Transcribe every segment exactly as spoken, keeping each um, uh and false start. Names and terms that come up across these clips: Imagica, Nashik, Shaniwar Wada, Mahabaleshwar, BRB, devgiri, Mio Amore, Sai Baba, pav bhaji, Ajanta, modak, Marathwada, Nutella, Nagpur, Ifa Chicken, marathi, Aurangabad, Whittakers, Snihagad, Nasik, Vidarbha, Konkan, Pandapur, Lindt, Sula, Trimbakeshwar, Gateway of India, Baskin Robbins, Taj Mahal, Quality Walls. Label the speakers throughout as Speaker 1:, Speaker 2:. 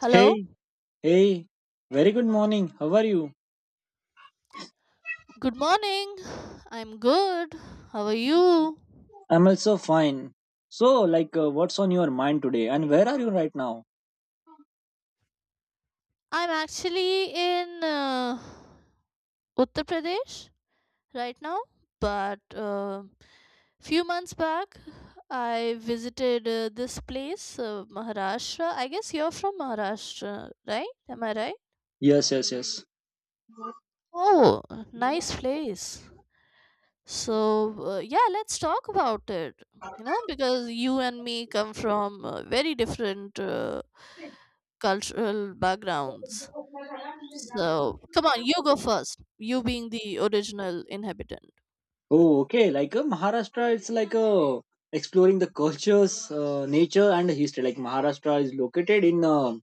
Speaker 1: Hello.
Speaker 2: Hey, hey, very good morning. How are you?
Speaker 1: Good morning. I'm good. How are you?
Speaker 2: I'm also fine. So, like, uh, what's on your mind today and where are you right now?
Speaker 1: I'm actually in uh, Uttar Pradesh right now, but uh, few months back I visited uh, this place, uh, Maharashtra. I guess you're from Maharashtra, right? Am I right?
Speaker 2: Yes, yes, yes.
Speaker 1: Oh, nice place. So, uh, yeah, let's talk about it. You know, because you and me come from uh, very different uh, cultural backgrounds. So, come on, you go first. You being the original inhabitant.
Speaker 2: Oh, okay. Like, uh, Maharashtra, it's like uh, exploring the cultures, uh, nature, and history. Like, Maharashtra is located in uh,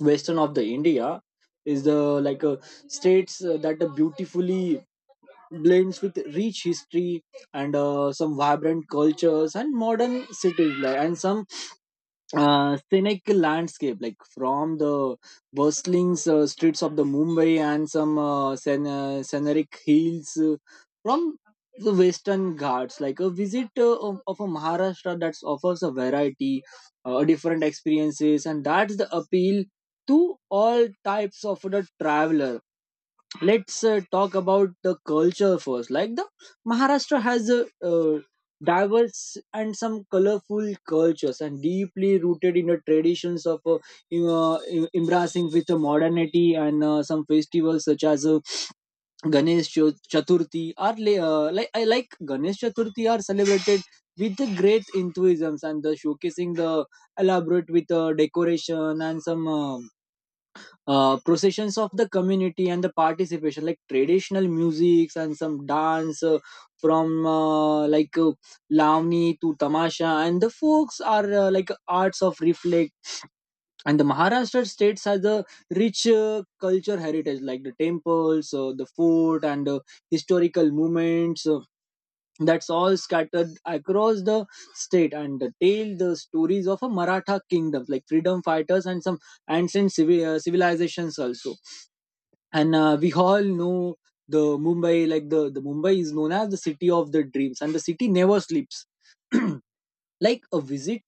Speaker 2: western of the India, is the like uh, states uh, that uh, beautifully blends with rich history and uh, some vibrant cultures and modern cities, like, and some uh, scenic landscape like from the bustling uh, streets of the mumbai and some uh, scen- uh, scenic hills uh, from the western ghats like a visit uh, of, of a maharashtra that offers a variety uh, different experiences, and that's the appeal to all types of the traveler. Let's uh, talk about the culture first. Like the maharashtra has a uh, diverse and some colorful cultures and deeply rooted in the traditions of uh, em- uh, em- embracing with the modernity, and uh, some festivals such as uh, ganesh Cho- chaturthi are la- uh, like i like ganesh chaturthi are celebrated with the great enthusiasm and the showcasing the elaborate with uh, decoration and some um uh, processions of the community and the participation like traditional musics and some dance uh, from uh, like uh, lavani to tamasha and the folks are uh, like arts of reflex. And the maharashtra states has a rich uh, culture heritage like the temples, uh, the fort, and uh, historical movements uh, that's all scattered across the state, and the tale the stories of a maratha kingdom like freedom fighters and some ancient civil, uh, civilizations also. And uh, we all know the mumbai. Like the, the mumbai is known as the city of the dreams and the city never sleeps. Like a visit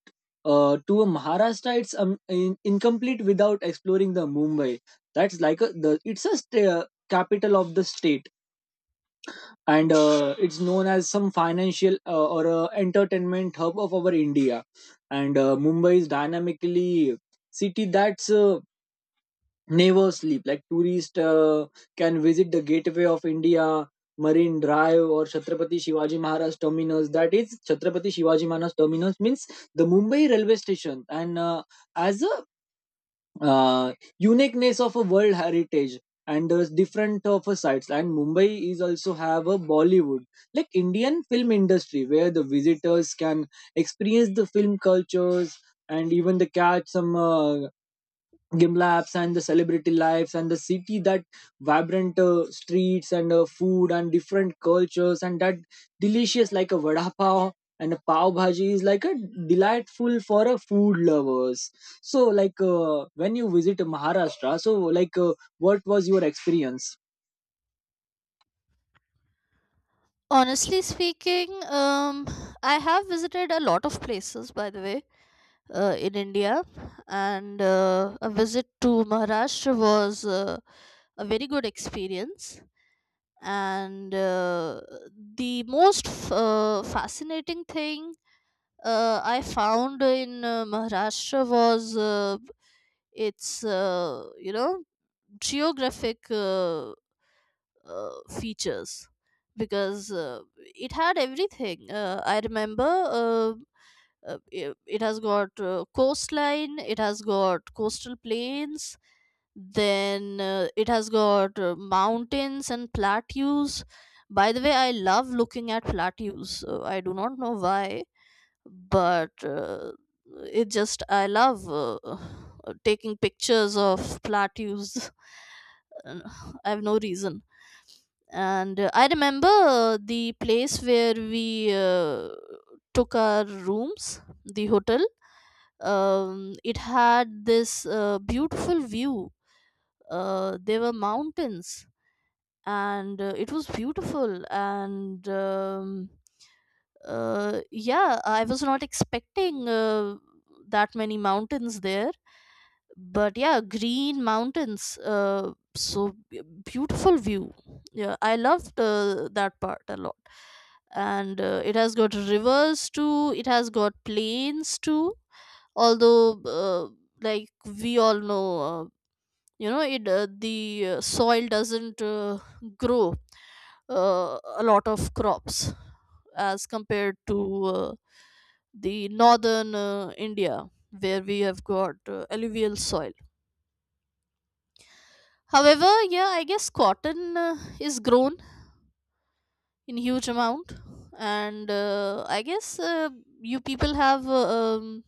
Speaker 2: uh, to a Maharashtra, it's um, in, incomplete without exploring the Mumbai. That's like a the it's a st- uh, capital of the state, and uh, it's known as some financial uh, or uh, entertainment hub of our India. And uh, Mumbai is dynamically city that's uh, never sleep. Like tourists uh, can visit the Gateway of India, Marine Drive, or Chhatrapati Shivaji Maharaj Terminus. That is Chhatrapati Shivaji Maharaj Terminus means the Mumbai railway station, and uh, as a uh, uniqueness of a world heritage. And there's different of a sites, and Mumbai is also have a Bollywood, like Indian film industry, where the visitors can experience the film cultures and even the catch some uh, Gimlabs and the celebrity lives, and the city that vibrant uh, streets and uh, food and different cultures, and that delicious like a vada pav and a pav bhaji is like a delightful for a food lovers. So like uh, when you visit Maharashtra, so like uh, what was your experience?
Speaker 1: Honestly speaking, um, I have visited a lot of places, by the way, uh, in India, and uh, a visit to Maharashtra was uh, a very good experience. and uh, the most f- uh, fascinating thing uh, i found in uh, Maharashtra was uh, its uh, you know geographic uh, uh, features because uh, it had everything. Uh, I remember uh, uh, it, it has got uh, coastline, it has got coastal plains, then uh, it has got uh, mountains and plateaus. By the way, I love looking at plateaus. Uh, I do not know why, but uh, it just I love uh, uh, taking pictures of plateaus. Uh, I have no reason and uh, I remember the place where we uh, took our rooms the hotel, um, it had this uh, beautiful view, uh, there were mountains and uh, it was beautiful, and um, uh, yeah, I was not expecting uh, that many mountains there, but yeah, green mountains, uh, so b- beautiful view. Yeah, I loved uh, that part a lot, and uh, it has got rivers too, it has got plains too, although uh, like we all know, uh, you know it uh, the uh, soil doesn't uh, grow uh, a lot of crops as compared to uh, the northern uh, India, where we have got uh, alluvial soil. However, yeah, I guess cotton uh, is grown in huge amount, and uh, I guess uh, you people have uh, um,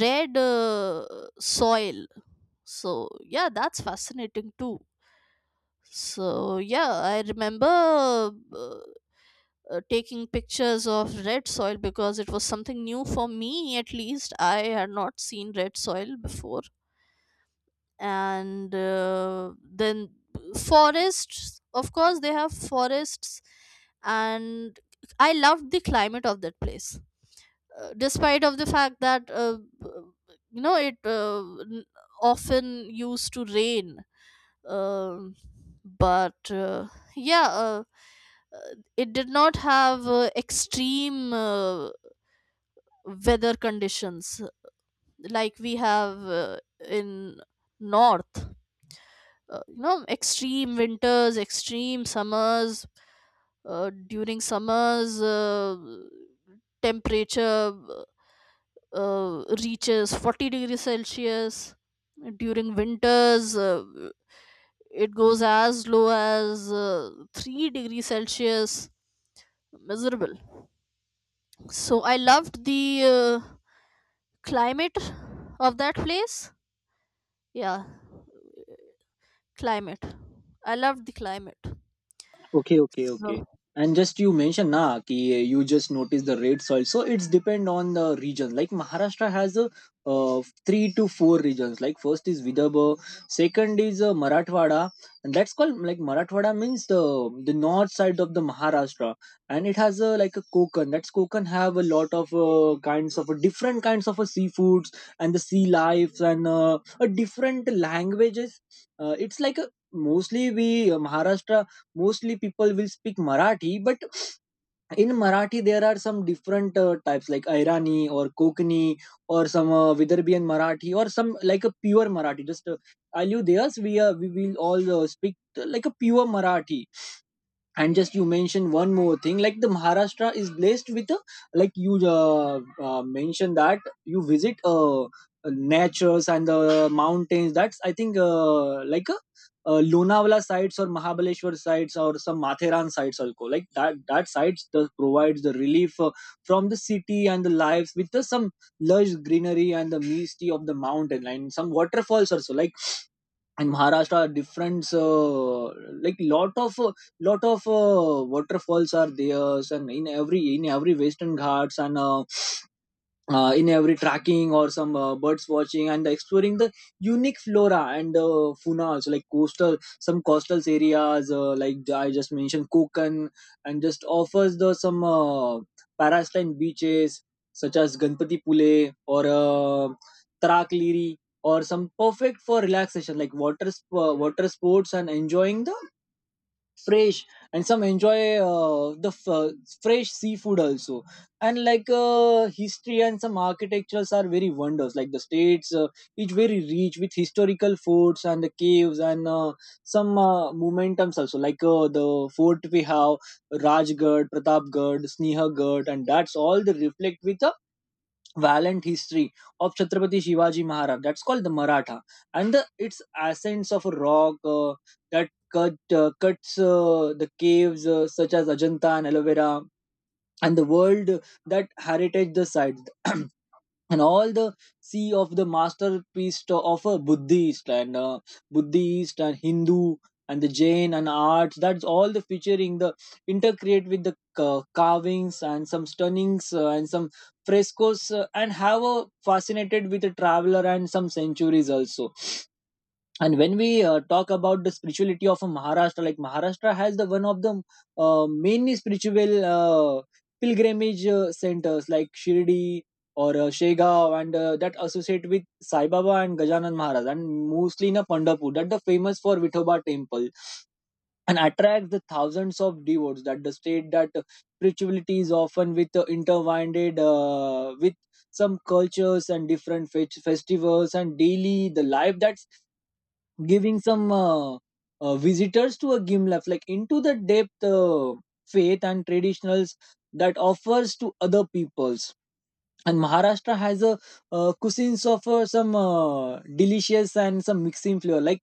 Speaker 1: red uh, soil. So yeah, that's fascinating too. So yeah, I remember uh, uh, taking pictures of red soil because it was something new for me. At least I had not seen red soil before, and uh, then forests, of course they have forests, and I loved the climate of that place, uh, despite of the fact that uh, you know it uh, n- often used to rain, um, but uh, yeah uh, uh, it did not have uh, extreme uh, weather conditions like we have uh, in north, uh, you know, extreme winters, extreme summers. Uh, during summers, uh, temperature uh, uh, reaches forty degrees celsius. During winters, uh, it goes as low as uh, three degrees celsius. Miserable. So I loved the uh, climate of that place. Yeah, climate. I loved the climate.
Speaker 2: Okay, okay, okay.
Speaker 1: So
Speaker 2: And just you mentioned na ki you just notice the red soil. So it's depend on the region. Like Maharashtra has a uh, three to four regions. Like first is Vidarbha, second is uh, Marathwada, and that's called like Marathwada means the the north side of the Maharashtra, and it has a like a Konkan. That's Konkan have a lot of uh, kinds of different kinds of uh, seafoods and the sea lives and uh, a different languages. Uh, it's like a mostly we uh, Maharashtra mostly people will speak marathi, but in marathi there are some different uh, types like airani or kokani or some uh, vidarbhian marathi or some like a pure marathi just uh, I you there, so we, uh, we will all uh, speak uh, like a pure marathi. And just you mentioned one more thing like the maharashtra is blessed with a like you uh, uh, mentioned that you visit uh, uh, natures and the mountains. That's I think uh, like a uh, Lonavala sites or Mahabaleshwar sites or some Matheran sites also like that that sites does provides the relief uh, from the city and the lives with the, some lush greenery and the misty of the mountain and some waterfalls also. Like in maharashtra different uh, like lot of uh, lot of uh, waterfalls are there and in every in every western ghats and uh, uh, in every tracking or some uh, birds watching and exploring the unique flora and uh, fauna also. Like coastal some coastal areas uh, like I just mentioned kokan, and just offers the some uh, parasline beaches such as ganpati pule or uh, tarak, or some perfect for relaxation like water sp- uh, water sports and enjoying the fresh and some enjoy uh, the f- uh, fresh seafood also. And like uh, history and some architectures are very wonders. Like the states uh, is very rich with historical forts and the caves and uh, some uh, momentums also. Like uh, the fort we have rajgarh pratapgarh snehagarh, and that's all they reflect with a valiant history of Chhatrapati Shivaji Maharaj. That's called the Maratha, and the, its ascents of a rock uh, that cut uh, cuts uh, the caves uh, such as Ajanta and Aloe Vera, and the world that heritage the site. And all the sea of the masterpiece to- of a buddhist and uh, buddhist and hindu and the jain and arts, that's all the featuring the intercreate with the ca- carvings and some stunnings uh, and some frescoes uh, and have a fascinated with a traveler and some centuries also. And when we uh, talk about the spirituality of a maharashtra, like maharashtra has the one of the uh, mainly spiritual uh, pilgrimage uh, centers like shirdi or uh, Shegaon, and uh, that associate with Sai Baba and Gajanan Maharaj, and mostly in a Pandapur that the famous for Vithoba temple and attracts the thousands of devotees. That the state that uh, spirituality is often with uh, intertwined uh, with some cultures and different fe- festivals and daily the life, that giving some uh, uh, visitors to a gimlet like into the depth uh, faith and traditionals that offers to other peoples. And maharashtra has a uh, cuisines of uh, some uh, delicious and some mixing flavor like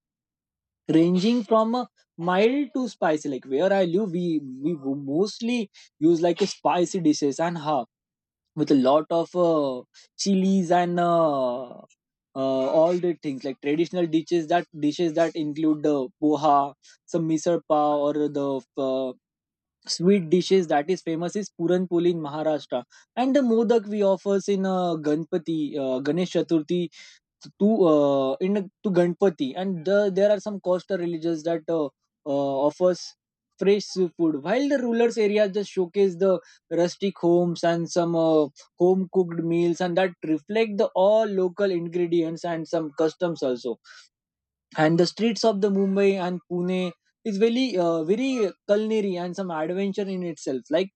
Speaker 2: ranging from uh, mild to spicy. Like where I live we we mostly use like a spicy dishes and ha with a lot of uh, chilies and uh, uh, all the things like traditional dishes that dishes that include the poha, some misal pav, or the uh, sweet dishes that is famous is puran poli in Maharashtra, and the modak we offers in uh, Ganpati, uh, Ganesh Chaturthi to uh, in to Ganpati, and the, there are some coastal villages that uh, uh, offers fresh seafood, while the rural areas just showcase the rustic homes and some uh, home cooked meals, and that reflect the all local ingredients and some customs also. And the streets of the mumbai and pune is very uh, very culinary and some adventure in itself. Like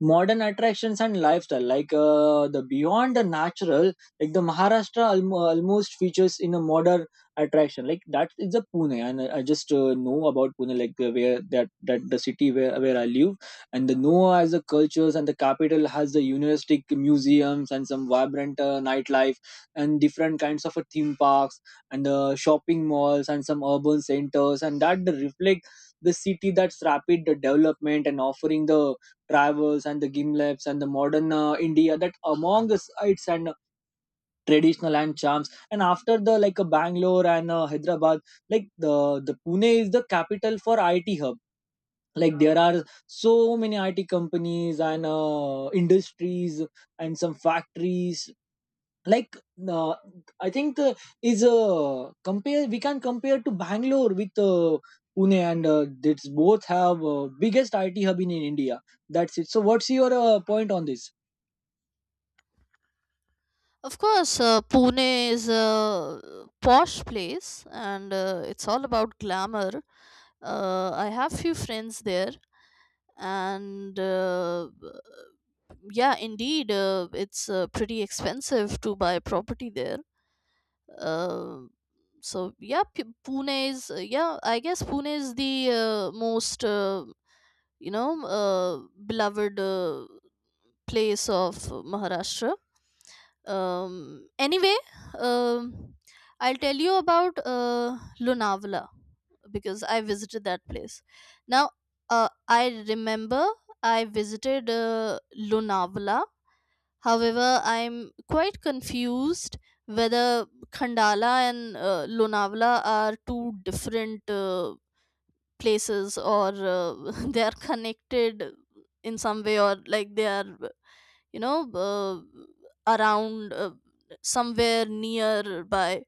Speaker 2: modern attractions and lifestyle like uh, the beyond the natural, like the maharashtra alm- almost features in a modern attraction like that is the pune. And i I just uh, know about pune like uh, where that that the city where, where I live, and the noah as the cultures and the capital has the university museums and some vibrant uh, nightlife and different kinds of uh, theme parks and uh, shopping malls and some urban centers, and that the reflect the city that's rapid the development and offering the travels and the gimlets and the modern uh, India that among us its and traditional and charms. And after the like uh, Bangalore and uh, Hyderabad, like the the Pune is the capital for I T hub. Like there are so many I T companies and uh, industries and some factories. Like uh, I think the is uh, compare we can compare to bangalore with uh, pune, and uh, it's both have uh, biggest it hub in, in india. That's it, so what's your uh, point on this?
Speaker 1: of course, uh, Pune is a posh place, and uh, it's all about glamour. Uh, I have few friends there, and uh, yeah, indeed, uh, it's uh, pretty expensive to buy property there. Uh, so yeah, P- Pune is uh, yeah, I guess Pune is the uh, most uh, you know uh, beloved uh, place of Maharashtra. Um, anyway, um, I'll tell you about uh Lunavala because I visited that place. Now, uh I remember, I visited uh, Lunavala, however I'm quite confused whether Khandala and uh, Lunavala are two different uh, places, or uh, they are connected in some way, or like they are, you know, uh, around uh, somewhere nearby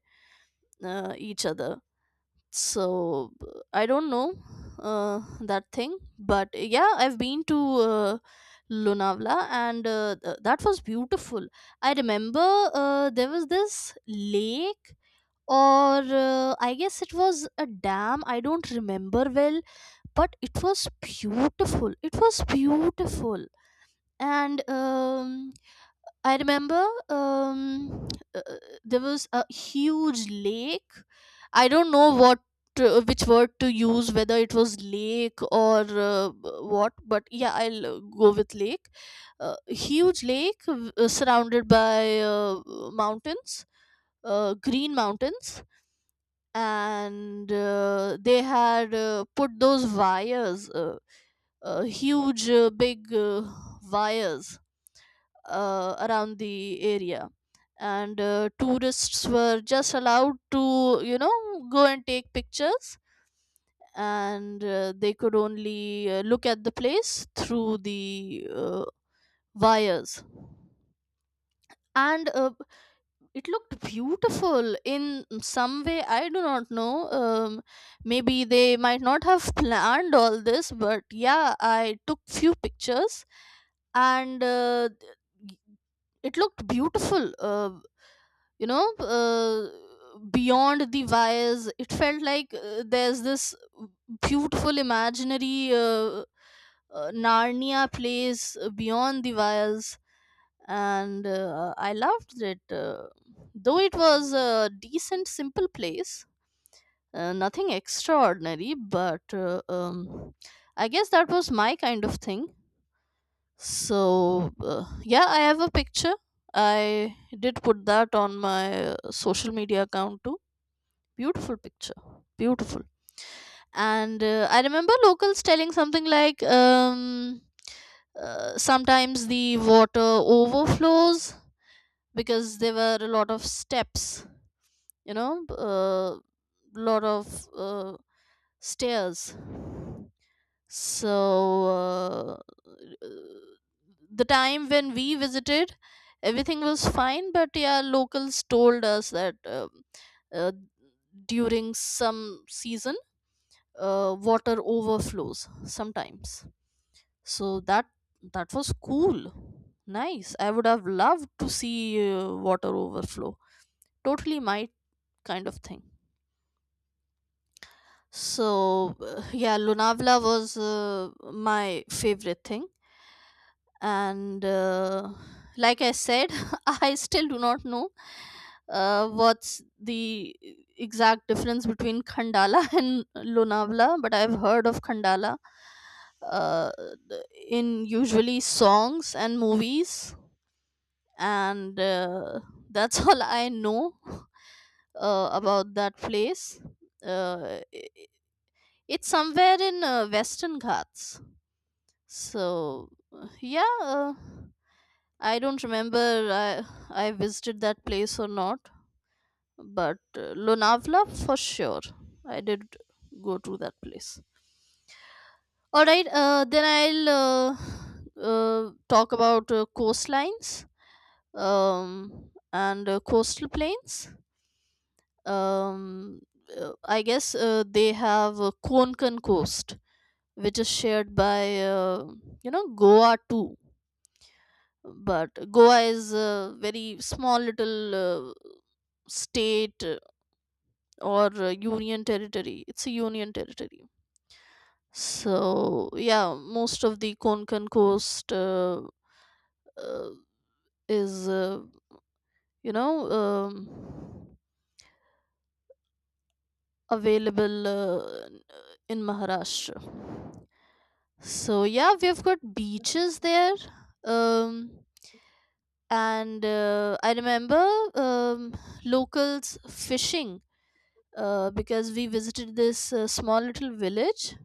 Speaker 1: uh, each other. So b- I don't know uh, that thing. But yeah, I've been to uh, Lunavla, and uh, th- that was beautiful. I remember uh, there was this lake, or uh, I guess it was a dam, I don't remember well, but it was beautiful, it was beautiful. And um, I remember, um, uh, there was a huge lake. I don't know what to- which word to use, whether it was lake or uh, what, but yeah, I'll uh, go with lake. Uh, huge lake, uh, surrounded by uh, mountains, uh, green mountains, and uh, they had uh, put those wires, uh, uh, huge, uh, big uh, wires uh, around the area, and uh, tourists were just allowed to, you know, go and take pictures, and uh, they could only uh, look at the place through the uh, wires, and uh, it looked beautiful in some way, I do not know, um, maybe they might not have planned all this, but yeah, I took few pictures, and uh, it looked beautiful. Uh, you know, uh, beyond the wires it felt like uh, there's this beautiful imaginary uh, uh, narnia place uh, beyond the wires, and uh, I loved it. Uh, though it was a decent simple place, uh, nothing extraordinary, but uh, um, I guess that was my kind of thing. So, uh, yeah, I have a picture. I did put that on my uh, social media account too. Beautiful picture. Beautiful. And uh, I remember locals telling something like, um, uh, sometimes the water overflows because there were a lot of steps, you know, a uh, lot of uh, stairs. So, uh, the time when we visited, everything was fine, but yeah, locals told us that um uh, during some season, uh, water overflows sometimes. So that that was cool, nice. I would have loved to see uh, water overflow. Totally my kind of thing. So uh, yeah, Lunavla was uh, my favorite thing, and uh, like I said, I still do not know uh, what's the exact difference between Khandala and Lonavala, but I've heard of Khandala uh, in usually songs and movies, and uh, that's all I know uh, about that place. uh, i- it's somewhere in uh, Western Ghats. So, uh, yeah, uh, I don't remember I, I visited that place or not, but uh, Lonavala for sure. I did go to that place. All right, uh, then I'll uh, uh, talk about uh, coastlines um, and uh, coastal plains. Um, uh, I guess uh, they have uh, Konkan coast, which is shared by uh, you know, Goa too, but Goa is a very small little uh, state, uh, or uh, union territory, it's a union territory. So yeah, most of the Konkan coast uh, uh, is uh, you know um, available uh, in Maharashtra. So yeah, we've got beaches there, um, and uh, I remember, um, locals fishing uh, because we visited this uh, small little village.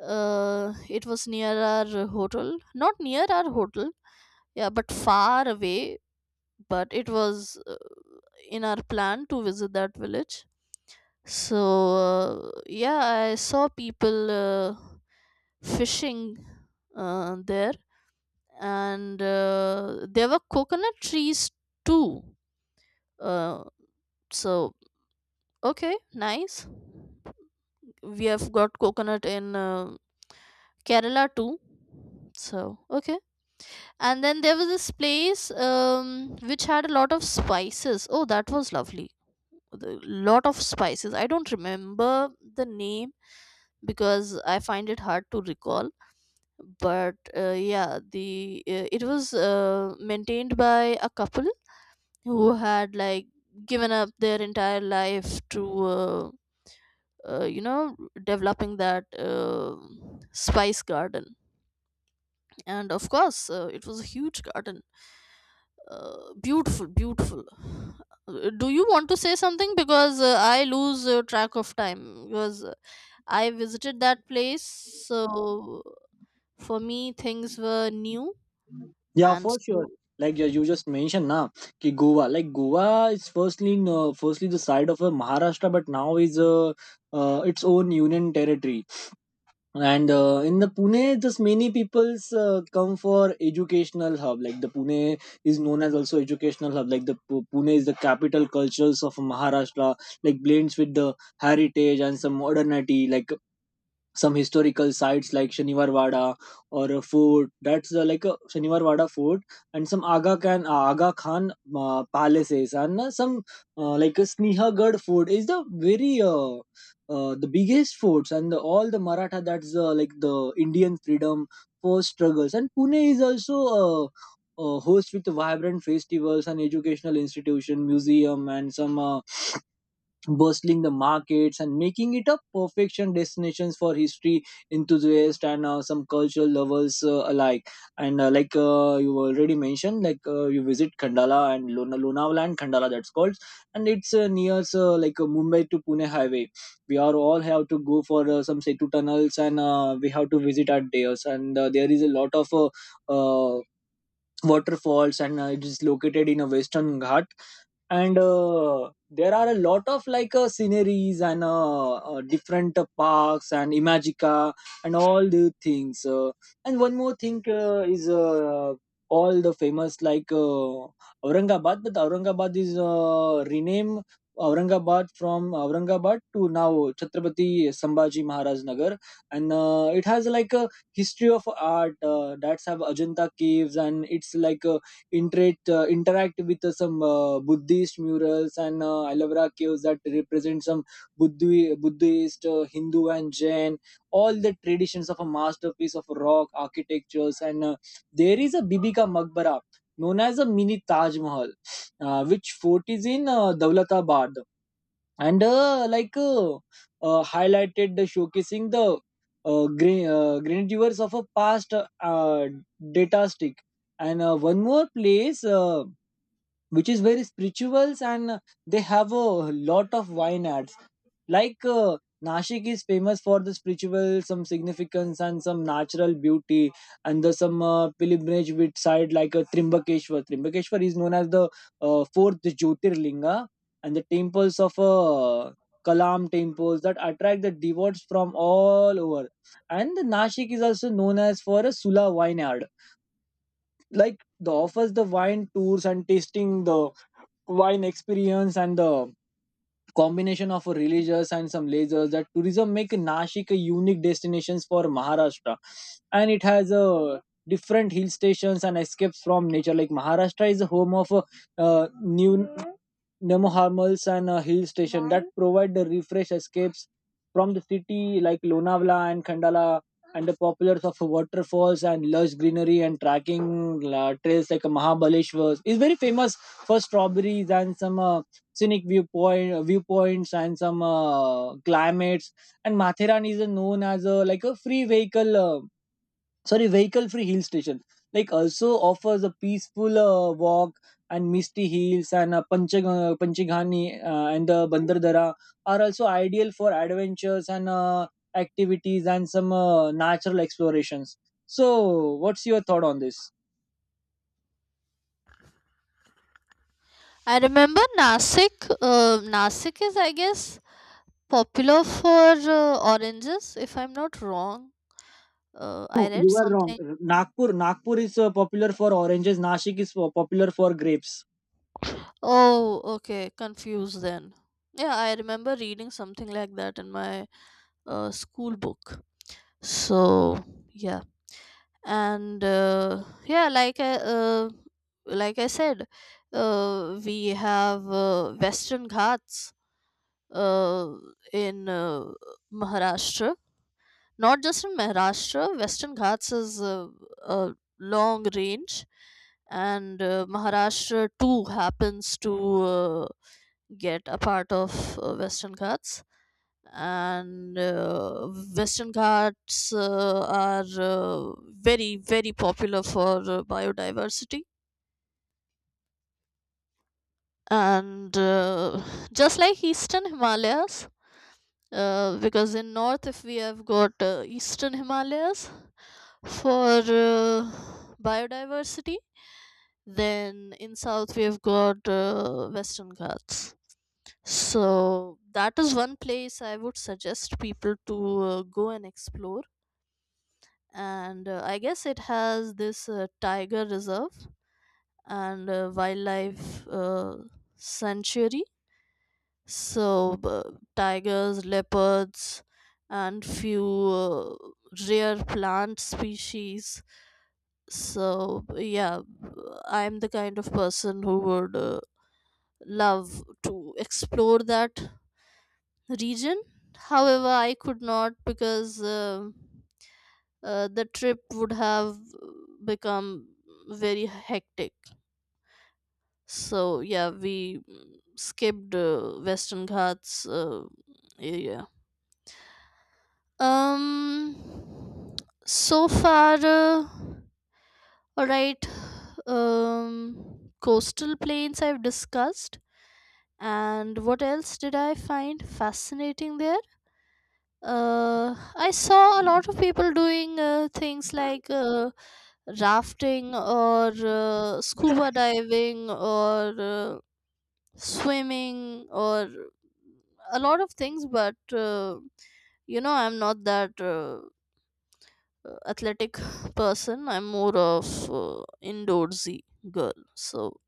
Speaker 1: Uh, it was near our hotel, not near our hotel, yeah, but far away. But it was uh, in our plan to visit that village. So uh, yeah, I saw people uh, fishing uh, there, and uh, there were coconut trees too. Uh, so okay, nice. We have got coconut in uh, Kerala too. So, okay. And then there was this place, um, which had a lot of spices. Oh, that was lovely. The lot of spices. I don't remember the name because I find it hard to recall. But uh, yeah, the uh, it was uh, maintained by a couple who had, like, given up their entire life to uh, uh, you know, developing that uh, spice garden. And of course uh, it was a huge garden. Uh, beautiful, beautiful. Uh, do you want to say something? Because uh, I lose uh, track of time because uh, I visited that place. So for me, things were new.
Speaker 2: Yeah,
Speaker 1: And
Speaker 2: for sure.
Speaker 1: so
Speaker 2: Like you you just mentioned now ki goa, like goa is firstly in, uh, firstly the side of uh, maharashtra, but now is uh, uh, its own union territory. And uh, in the pune just many people's uh, come for educational hub. Like the pune is known as also educational hub. Like the Pu- pune is the capital cultures of maharashtra, like blends with the heritage and some modernity, like some historical sites like Shaniwar Wada or a fort. That's uh, like a Shaniwar Wada fort and some Aga Khan, Aga Khan uh, palaces and uh, some uh, like a Snihagad fort is the very uh, uh, the biggest forts, and the, all the Maratha that's uh, like the Indian freedom for struggles. And Pune is also uh, uh, host with vibrant festivals and educational institution, museum and some. Uh, bustling the markets and making it a perfection destinations for history enthusiasts and uh, some cultural lovers uh, alike. And uh, like uh, you already mentioned, like uh, you visit khandala and Lona- lonavala and khandala, that's called. And it's uh, near uh, like uh, mumbai to pune highway. We are all have to go for uh, some setu tunnels and uh, we have to visit our deos, and uh, there is a lot of uh, uh, waterfalls, and uh, it is located in a western ghat. And uh, there are a lot of like uh, sceneries and uh, uh, different uh, parks and imagica and all the things uh, and one more thing uh, is uh, all the famous like uh, aurangabad. But aurangabad is uh, renamed aurangabad from aurangabad to now chhatrapati sambhaji maharaj nagar. And uh, it has like a history of art uh, that's have ajanta caves, and it's like a interact uh, interact with uh, some uh, Buddhist murals, and uh, aloe vera caves that represent some Buddhi, Buddhist, uh, Hindu, and Jain. All the traditions of a masterpiece of rock architectures. And uh, there is a Bibi ka Maqbara known as a mini Taj Mahal, uh, which fort is in uh, Dawlatabad. And uh, like uh, uh, highlighted the showcasing the uh, green uh, grandeurs of a past uh, uh, data stick. And uh, one more place uh, which is very spirituals, and uh, they have a lot of wine ads. Like uh, Nashik is famous for the spiritual, some significance and some natural beauty, and the some uh, pilgrimage with side like uh, Trimbakeshwar. Trimbakeshwar is known as the uh, fourth Jyotirlinga, and the temples of uh, Kalam temples that attract the devotees from all over. And the Nashik is also known as for a Sula vineyard, like the offers the wine tours and tasting the wine experience, and the combination of religious and some lasers that tourism make Nashik a unique destinations for Maharashtra. And it has a different hill stations and escapes from nature. Like Maharashtra is the home of uh, uh, new Nemoharmals and a hill station that provide the refresh escapes from the city like Lonavala and Khandala, and the populars of waterfalls and lush greenery and trekking uh, trails. Like Mahabaleshwar is very famous for strawberries and some uh, scenic viewpoint uh, viewpoints and some uh, climates. And Matheran is uh, known as a, like a free vehicle, uh, sorry, vehicle free hill station. Like also offers a peaceful uh, walk and misty hills. And uh, Panchag- uh, Panchaghani uh, and the Bandardara are also ideal for adventures and uh, activities and some uh, natural explorations. So, what's your thought on this?
Speaker 1: I remember Nasik, uh, Nasik is, I guess, popular for uh, oranges, if I'm not wrong. Uh,
Speaker 2: No,
Speaker 1: I
Speaker 2: you
Speaker 1: read
Speaker 2: are wrong.
Speaker 1: something.
Speaker 2: Nagpur, Nagpur is uh, popular for oranges. Nashik is uh, popular for grapes.
Speaker 1: Oh, okay. Confused then. Yeah, I remember reading something like that in my uh, school book. So, yeah. And uh, yeah, like I, uh, like I said, uh, we have uh, Western Ghats uh, in uh, Maharashtra. Not just in Maharashtra, Western Ghats is uh, a long range, and uh, Maharashtra too happens to uh, get a part of uh, Western Ghats, and uh, Western Ghats uh, are uh, very very popular for uh, biodiversity, and uh, just like Eastern Himalayas. Uh, because in north if we have got uh, eastern himalayas for uh, biodiversity, then in south we have got uh, western ghats. So that is one place I would suggest people to uh, go and explore. And uh, I guess it has this uh, tiger reserve and uh, wildlife uh, sanctuary. So uh, tigers, leopards, and few uh, rare plant species. So yeah, I'm the kind of person who would uh, love to explore that region. However, I could not because uh, uh, the trip would have become very hectic. So yeah, we mm, skipped uh, Western Ghats uh, area. Um, so far, uh, all right. Um, coastal plains I've discussed, and what else did I find fascinating there? Uh, I saw a lot of people doing uh, things like uh, rafting, or uh, scuba diving, or uh, swimming, or a lot of things, but uh, you know, I'm not that uh, athletic person. I'm more of uh, indoorsy girl. So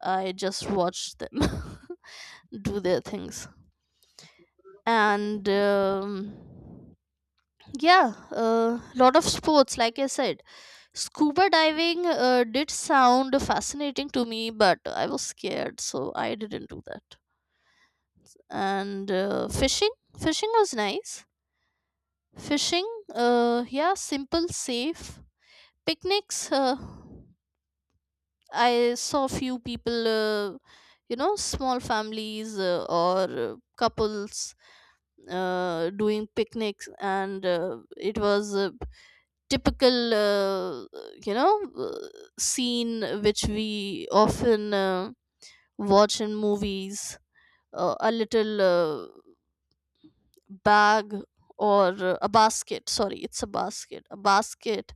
Speaker 1: I just watch them do their things. And um, yeah, a lot of sports, like I said. Scuba diving uh, did sound fascinating to me, but I was scared, so I didn't do that. And uh, fishing, fishing was nice. Fishing, uh, yeah, simple, safe. Picnics, uh, I saw few people, uh, you know, small families uh, or uh, couples uh, doing picnics, and uh, it was. Uh, typical uh, you know uh, scene which we often uh, watch in movies, uh, a little uh, bag, or uh, a basket sorry it's a basket, a basket,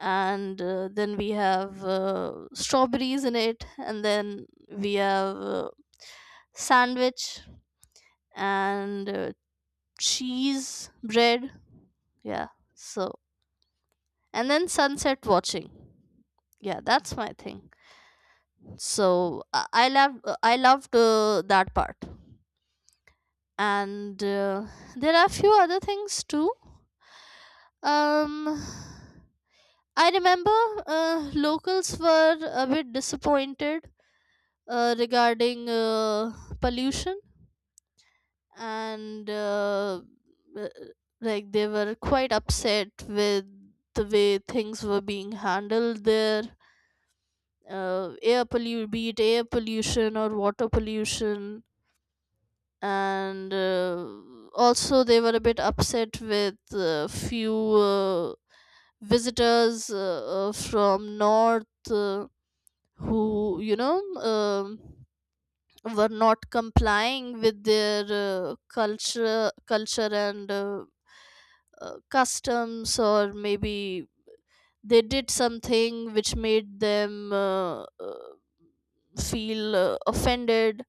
Speaker 1: and uh, then we have uh, strawberries in it, and then we have uh, sandwich, and uh, cheese bread. Yeah. So and then sunset watching, yeah, that's my thing. So i I love i loved uh, that part, and uh, there are a few other things too. Um, I remember uh, locals were a bit disappointed uh, regarding uh, pollution, and uh, uh, like they were quite upset with the way things were being handled there. Uh, air pollution, be it air pollution or water pollution. And uh, also, they were a bit upset with uh, few uh, visitors, uh, uh, from north, uh, who, you know, um were not complying with their uh, culture, culture and uh, uh, customs, or maybe they did something which made them uh, uh, feel uh, offended.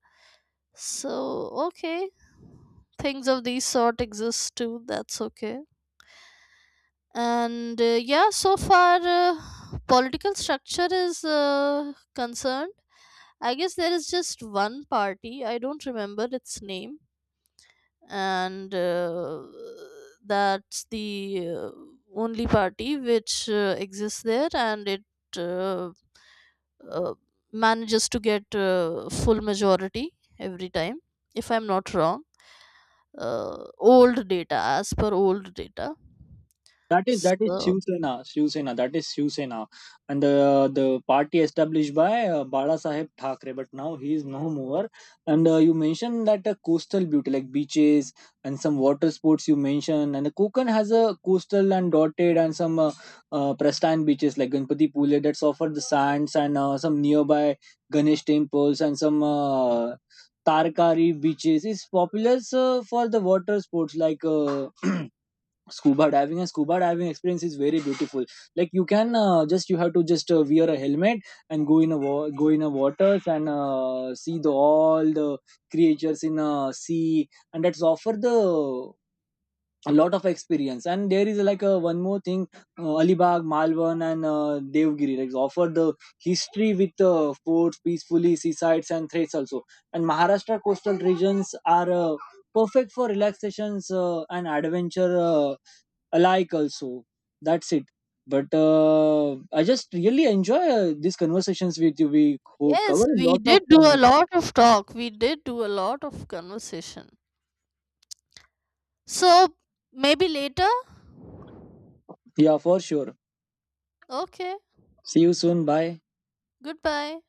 Speaker 1: So okay, things of these sort exist too, that's okay. And uh, yeah, so far uh, political structure is uh, concerned, I guess there is just one party, I don't remember its name, and uh, that's the uh, only party which uh, exists there, and it uh, uh, manages to get uh, full majority every time, if I'm not wrong. Uh, old data, as per old data.
Speaker 2: That is that is
Speaker 1: So
Speaker 2: Shiv Sena, Shiv Sena. That is Shiv Sena, and the the party established by uh, Bala Saheb Thakre. But now he is no more. And uh, you mentioned that uh, coastal beauty, like beaches and some water sports you mentioned. And the Konkan has a coastal and dotted and some uh, uh, pristine beaches like Ganpati Pule that's offered the sands and uh, some nearby Ganesh temples and some. Uh, Tarkari beaches is popular uh, for the water sports like uh, scuba diving. And scuba diving experience is very beautiful. Like you can uh, just, you have to just uh, wear a helmet and go in a wa- go in a waters and uh, see the all the creatures in a sea, and that's offer the a lot of experience. And there is like a one more thing, uh, alibag malvan and uh, devgiri like offer the history with uh, forts, peacefully seasides and threats also. And maharashtra coastal regions are uh, perfect for relaxations uh, and adventure uh, alike also. That's it. But uh, I just really enjoy uh, these conversations with you. We co-
Speaker 1: yes,
Speaker 2: cover a
Speaker 1: we
Speaker 2: lot of
Speaker 1: did do a
Speaker 2: points.
Speaker 1: lot of talk, we did do a lot of conversation. So maybe later.
Speaker 2: Yeah, for sure.
Speaker 1: Okay,
Speaker 2: See you soon, bye.
Speaker 1: goodbye.